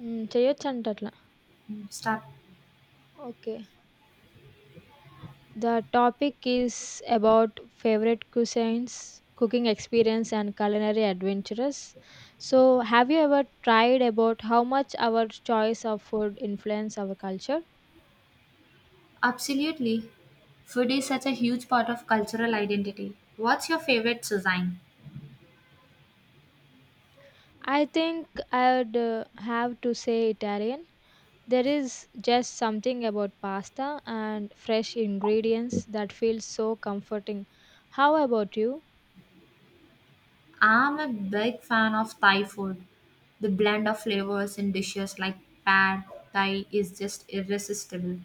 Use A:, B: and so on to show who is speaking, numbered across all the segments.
A: హ్మ్. చేయొచ్చంట అట్లా.
B: Start.
A: Okay. The topic is about favourite cuisines, cooking experience and culinary adventures. So, have you ever tried about how much our choice of food influence our culture?
B: Absolutely. Food is such a huge part of cultural identity. What's your favorite cuisine?
A: I think I would have to say Italian. There is just something about pasta and fresh ingredients that feels so comforting. How about you?
B: I'm a big fan of Thai food. The blend of flavors in dishes like pad thai is just irresistible.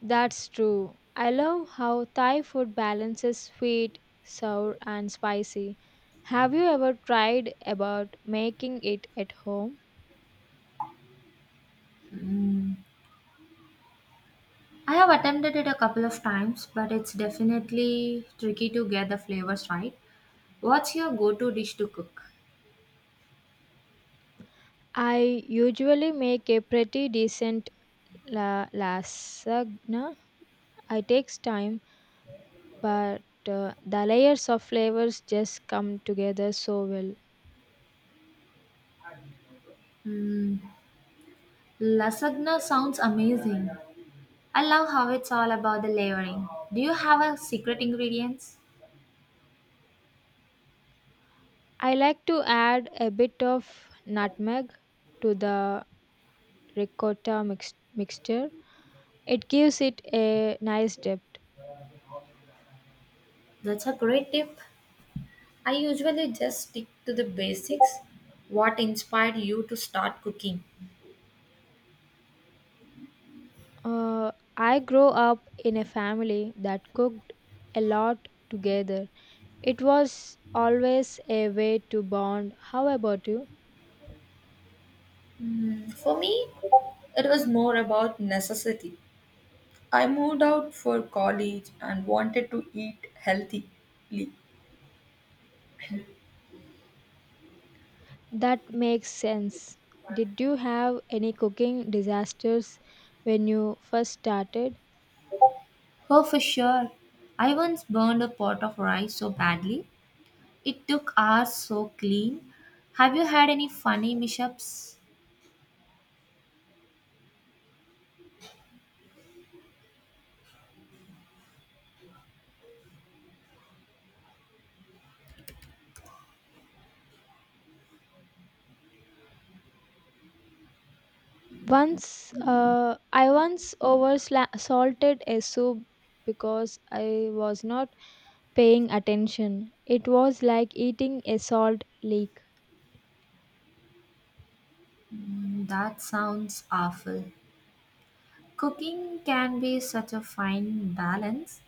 A: That's true. I love how Thai food balances sweet, sour, and spicy. Have you ever tried about making it at home?
B: Mm. I have attempted it a couple of times, but it's definitely tricky to get the flavors right. What's your go-to dish to cook?
A: I usually make a pretty decent lasagna. It takes time, but the layers of flavors just come together so well.
B: Mm, lasagna sounds amazing. I love how it's all about the layering. Do you have a secret ingredients?
A: I like to add a bit of nutmeg to the ricotta mixture. It gives it a nice depth.
B: That's a great tip. I usually just stick to the basics. What inspired you to start cooking?
A: I grew up in a family that cooked a lot together. It was always a way to bond. How about you?
B: Hmm, for me, it was more about necessity. I moved out for college and wanted to eat healthily.
A: That makes sense. Did you have any cooking disasters when you first started?
B: Oh, for sure. I once burned a pot of rice so badly. It took hours so clean. Have you had any funny mishaps?
A: I once over salted a soup because I was not paying attention. It was like eating a salt leak.
B: Mm, that sounds awful. Cooking can be such a fine balance.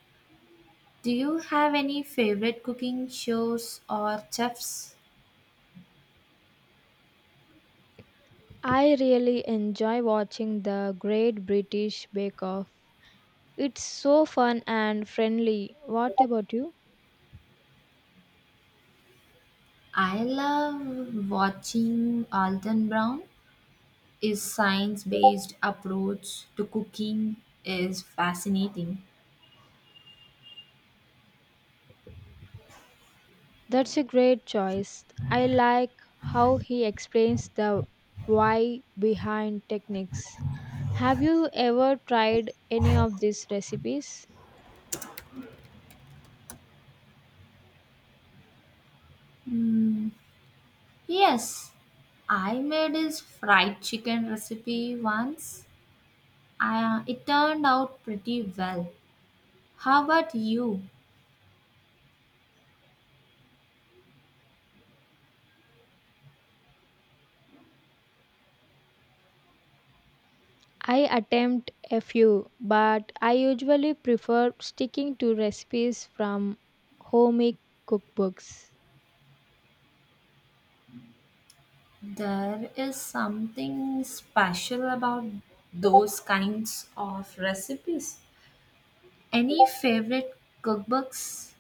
B: Do you have any favorite cooking shows or chefs?
A: I really enjoy watching the Great British Bake Off. It's so fun and friendly. What about you?
B: I love watching Alton Brown. His science based approach to cooking is fascinating.
A: That's a great choice. I like how he explains the why behind techniques. Have you ever tried any of these recipes?
B: Mm, yes, I made his fried chicken recipe once. It turned out pretty well. How about you?
A: I attempt a few, but I usually prefer sticking to recipes from homemade cookbooks.
B: There is something special about those kinds of recipes. Any favorite cookbooks?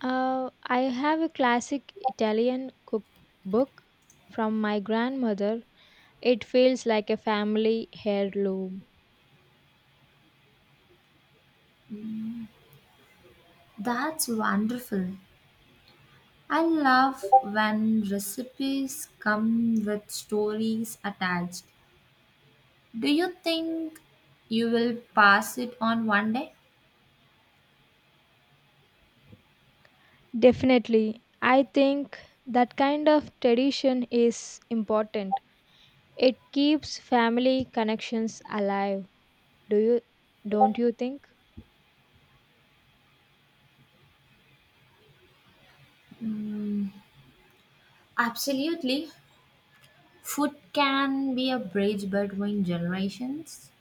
A: I have a classic Italian cookbook from my grandmother. It feels like a family heirloom.
B: That's wonderful. I love when recipes come with stories attached. Do you think you will pass it on one day?
A: Definitely. I think that kind of tradition is important. It keeps family connections alive. Do you Don't you think?
B: Absolutely. Food can be a bridge between generations.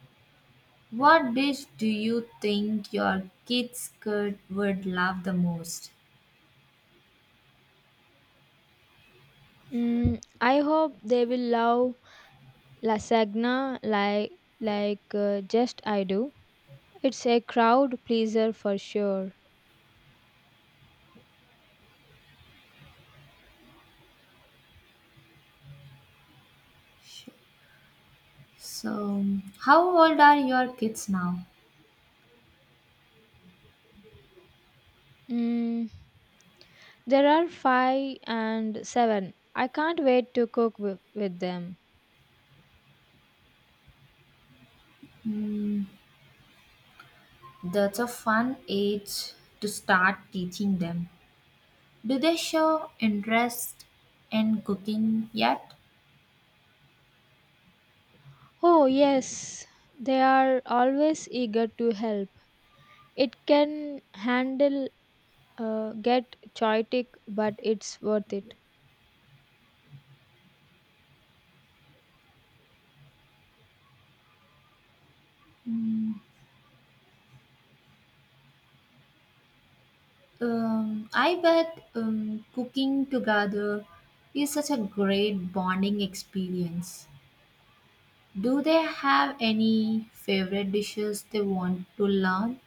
B: What dish do you think your kids could would love the most?
A: Mm, I hope they will love lasagna like just I do. It's a crowd pleaser for sure.
B: So, how old are your kids now?
A: Mm, there are five and seven. I can't wait to cook with them.
B: Hmm, that's a fun age to start teaching them. Do they show interest in cooking yet?
A: Oh, yes, they are always eager to help. It can handle, get chaotic, but it's worth it.
B: Mm, I bet cooking together is such a great bonding experience. Do they have any favorite dishes they want to learn?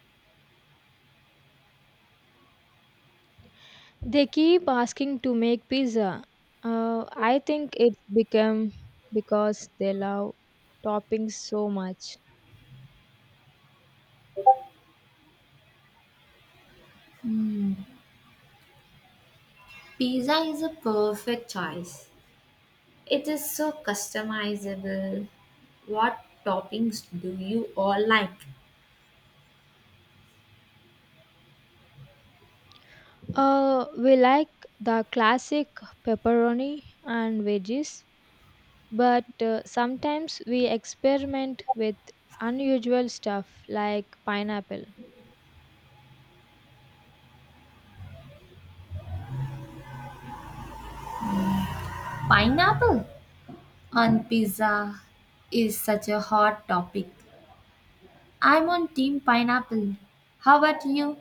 A: They keep asking to make pizza. Uh, I think it's become because they love toppings so much.
B: Hmm, pizza is a perfect choice. It is so customizable. What toppings do you all like?
A: We like the classic pepperoni and veggies. But sometimes we experiment with unusual stuff like pineapple.
B: Pineapple on pizza is such a hot topic. I'm on team pineapple. How about you?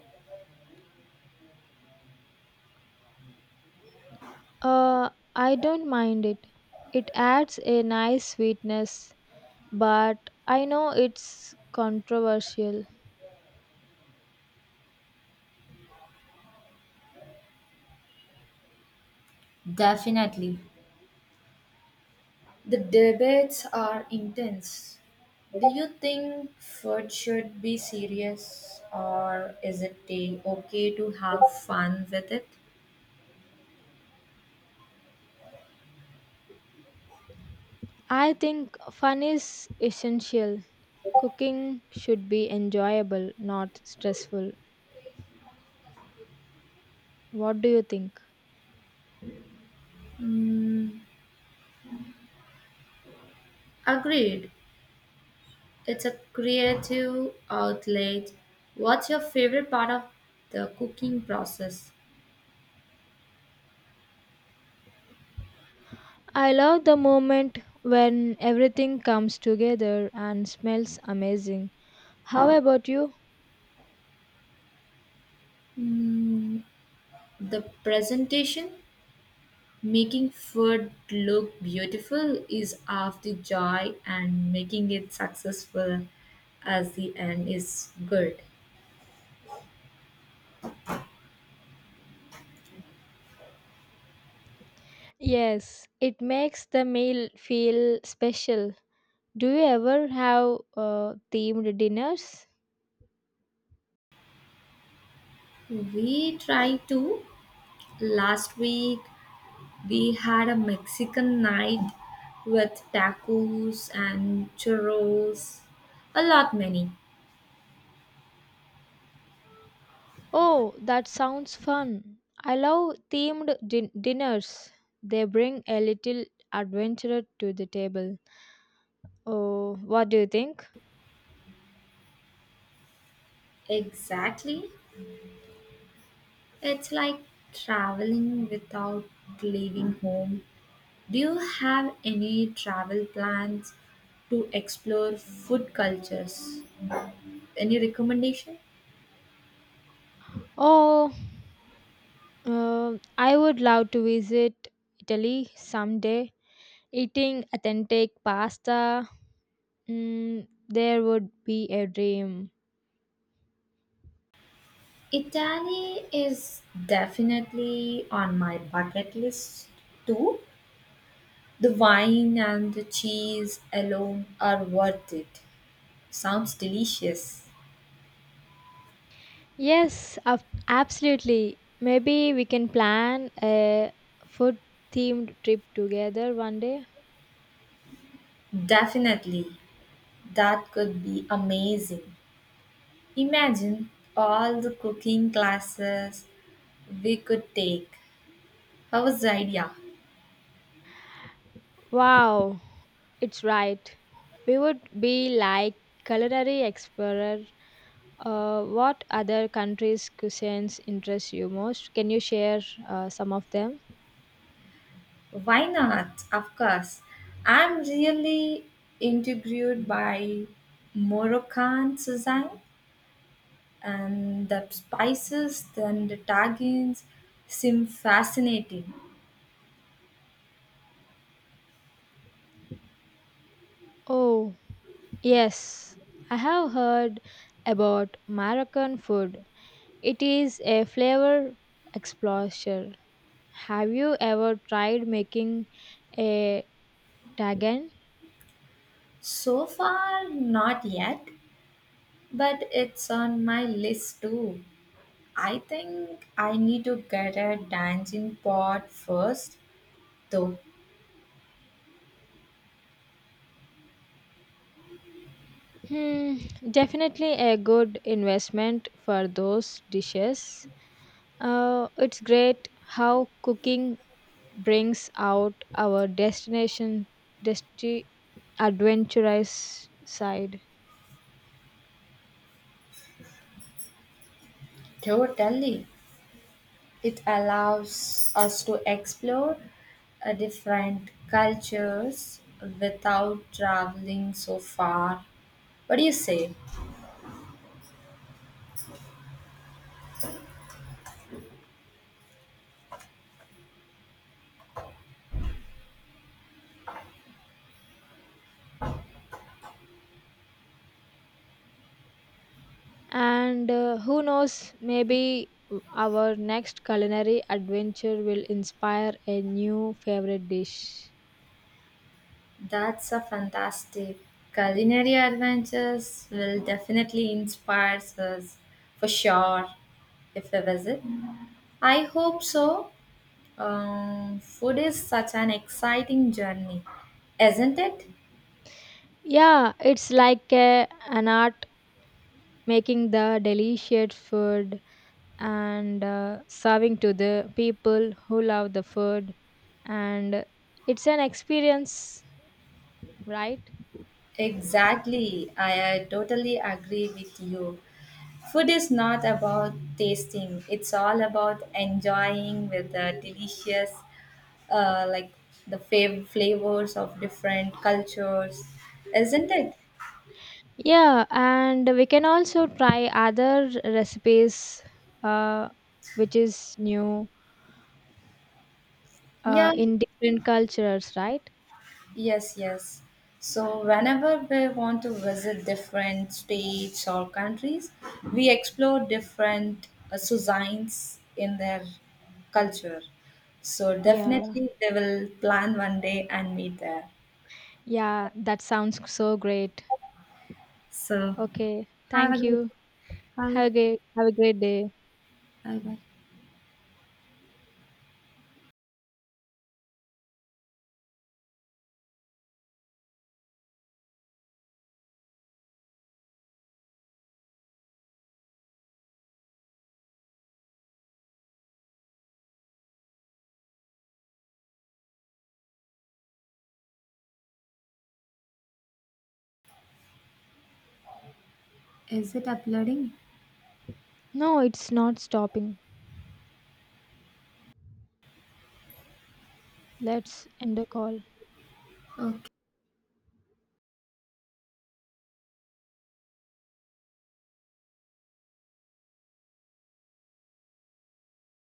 A: Uh, I don't mind it. It adds a nice sweetness, but I know it's controversial.
B: Definitely. The debates are intense. Do you think food should be serious or is okay to have fun with it?
A: I think fun is essential. Cooking should be enjoyable, not stressful. What do you think?
B: Hmm. Agreed. It's a creative outlet. What's your favorite part of the cooking process?
A: I love the moment when everything comes together and smells amazing. How about you?
B: Mm, the presentation, making food look beautiful is half the joy, and making it successful as the end is good.
A: Yes, it makes the meal feel special. Do you ever have themed dinners?
B: We try to. Last week, we had a Mexican night with tacos and churros, a lot many.
A: Oh, that sounds fun. I love themed dinners. They bring a little adventure to the table. Oh, what do you think?
B: Exactly. It's like traveling without leaving home. Do you have any travel plans to explore food cultures? Any recommendation?
A: Oh, I would love to visit Italy someday. Eating authentic pasta, mm, there would be a dream.
B: Italy is definitely on my bucket list too. The wine and the cheese alone are worth it. Sounds delicious.
A: Yes, absolutely. Maybe we can plan a food themed trip together one day.
B: Definitely. That could be amazing. Imagine all the cooking classes we could take. How's the idea?
A: Wow, it's right. We would be like culinary explorer. What other countries' cuisines interest you most? Can you share some of them?
B: Why not? Of course. I'm really intrigued by Moroccan cuisine. The spices and the tagines seem fascinating.
A: Oh, yes. I have heard about Moroccan food. It is a flavor explosion. Have you ever tried making a tagan?
B: So far, not yet, but it's on my list too. I think I need to get a dancing pot first, though.
A: Hmm, definitely a good investment for those dishes. It's great how cooking brings out our desti- adventurous side.
B: Totally. It allows us to explore different cultures without traveling so far. What do you say?
A: And who knows, maybe our next culinary adventure will inspire a new favorite dish.
B: That's a fantastic. Culinary adventures will definitely inspire us for sure if we visit. I hope so. Food is such an exciting journey, isn't it?
A: Yeah, it's like an art making the delicious food and serving to the people who love the food and it's an experience, right?
B: Exactly. I totally agree with you. Food is not about tasting, it's all about enjoying with the delicious, like the flavors of different cultures, isn't it?
A: Yeah, and we can also try other recipes, uh, which is new,
B: Yeah,
A: in different cultures, right?
B: yes, yes. So, whenever we want to visit different states or countries, we explore different cuisines in their culture. So,
A: Yeah,
B: definitely, they will plan one day and meet there.
A: yeah, that sounds so great.
B: So,
A: Okay,
B: have a
A: thank you.
B: good bye.
A: Have a great day.
B: Bye bye. Is it uploading?
A: No, it's not stopping. Let's end the call.
B: Oh,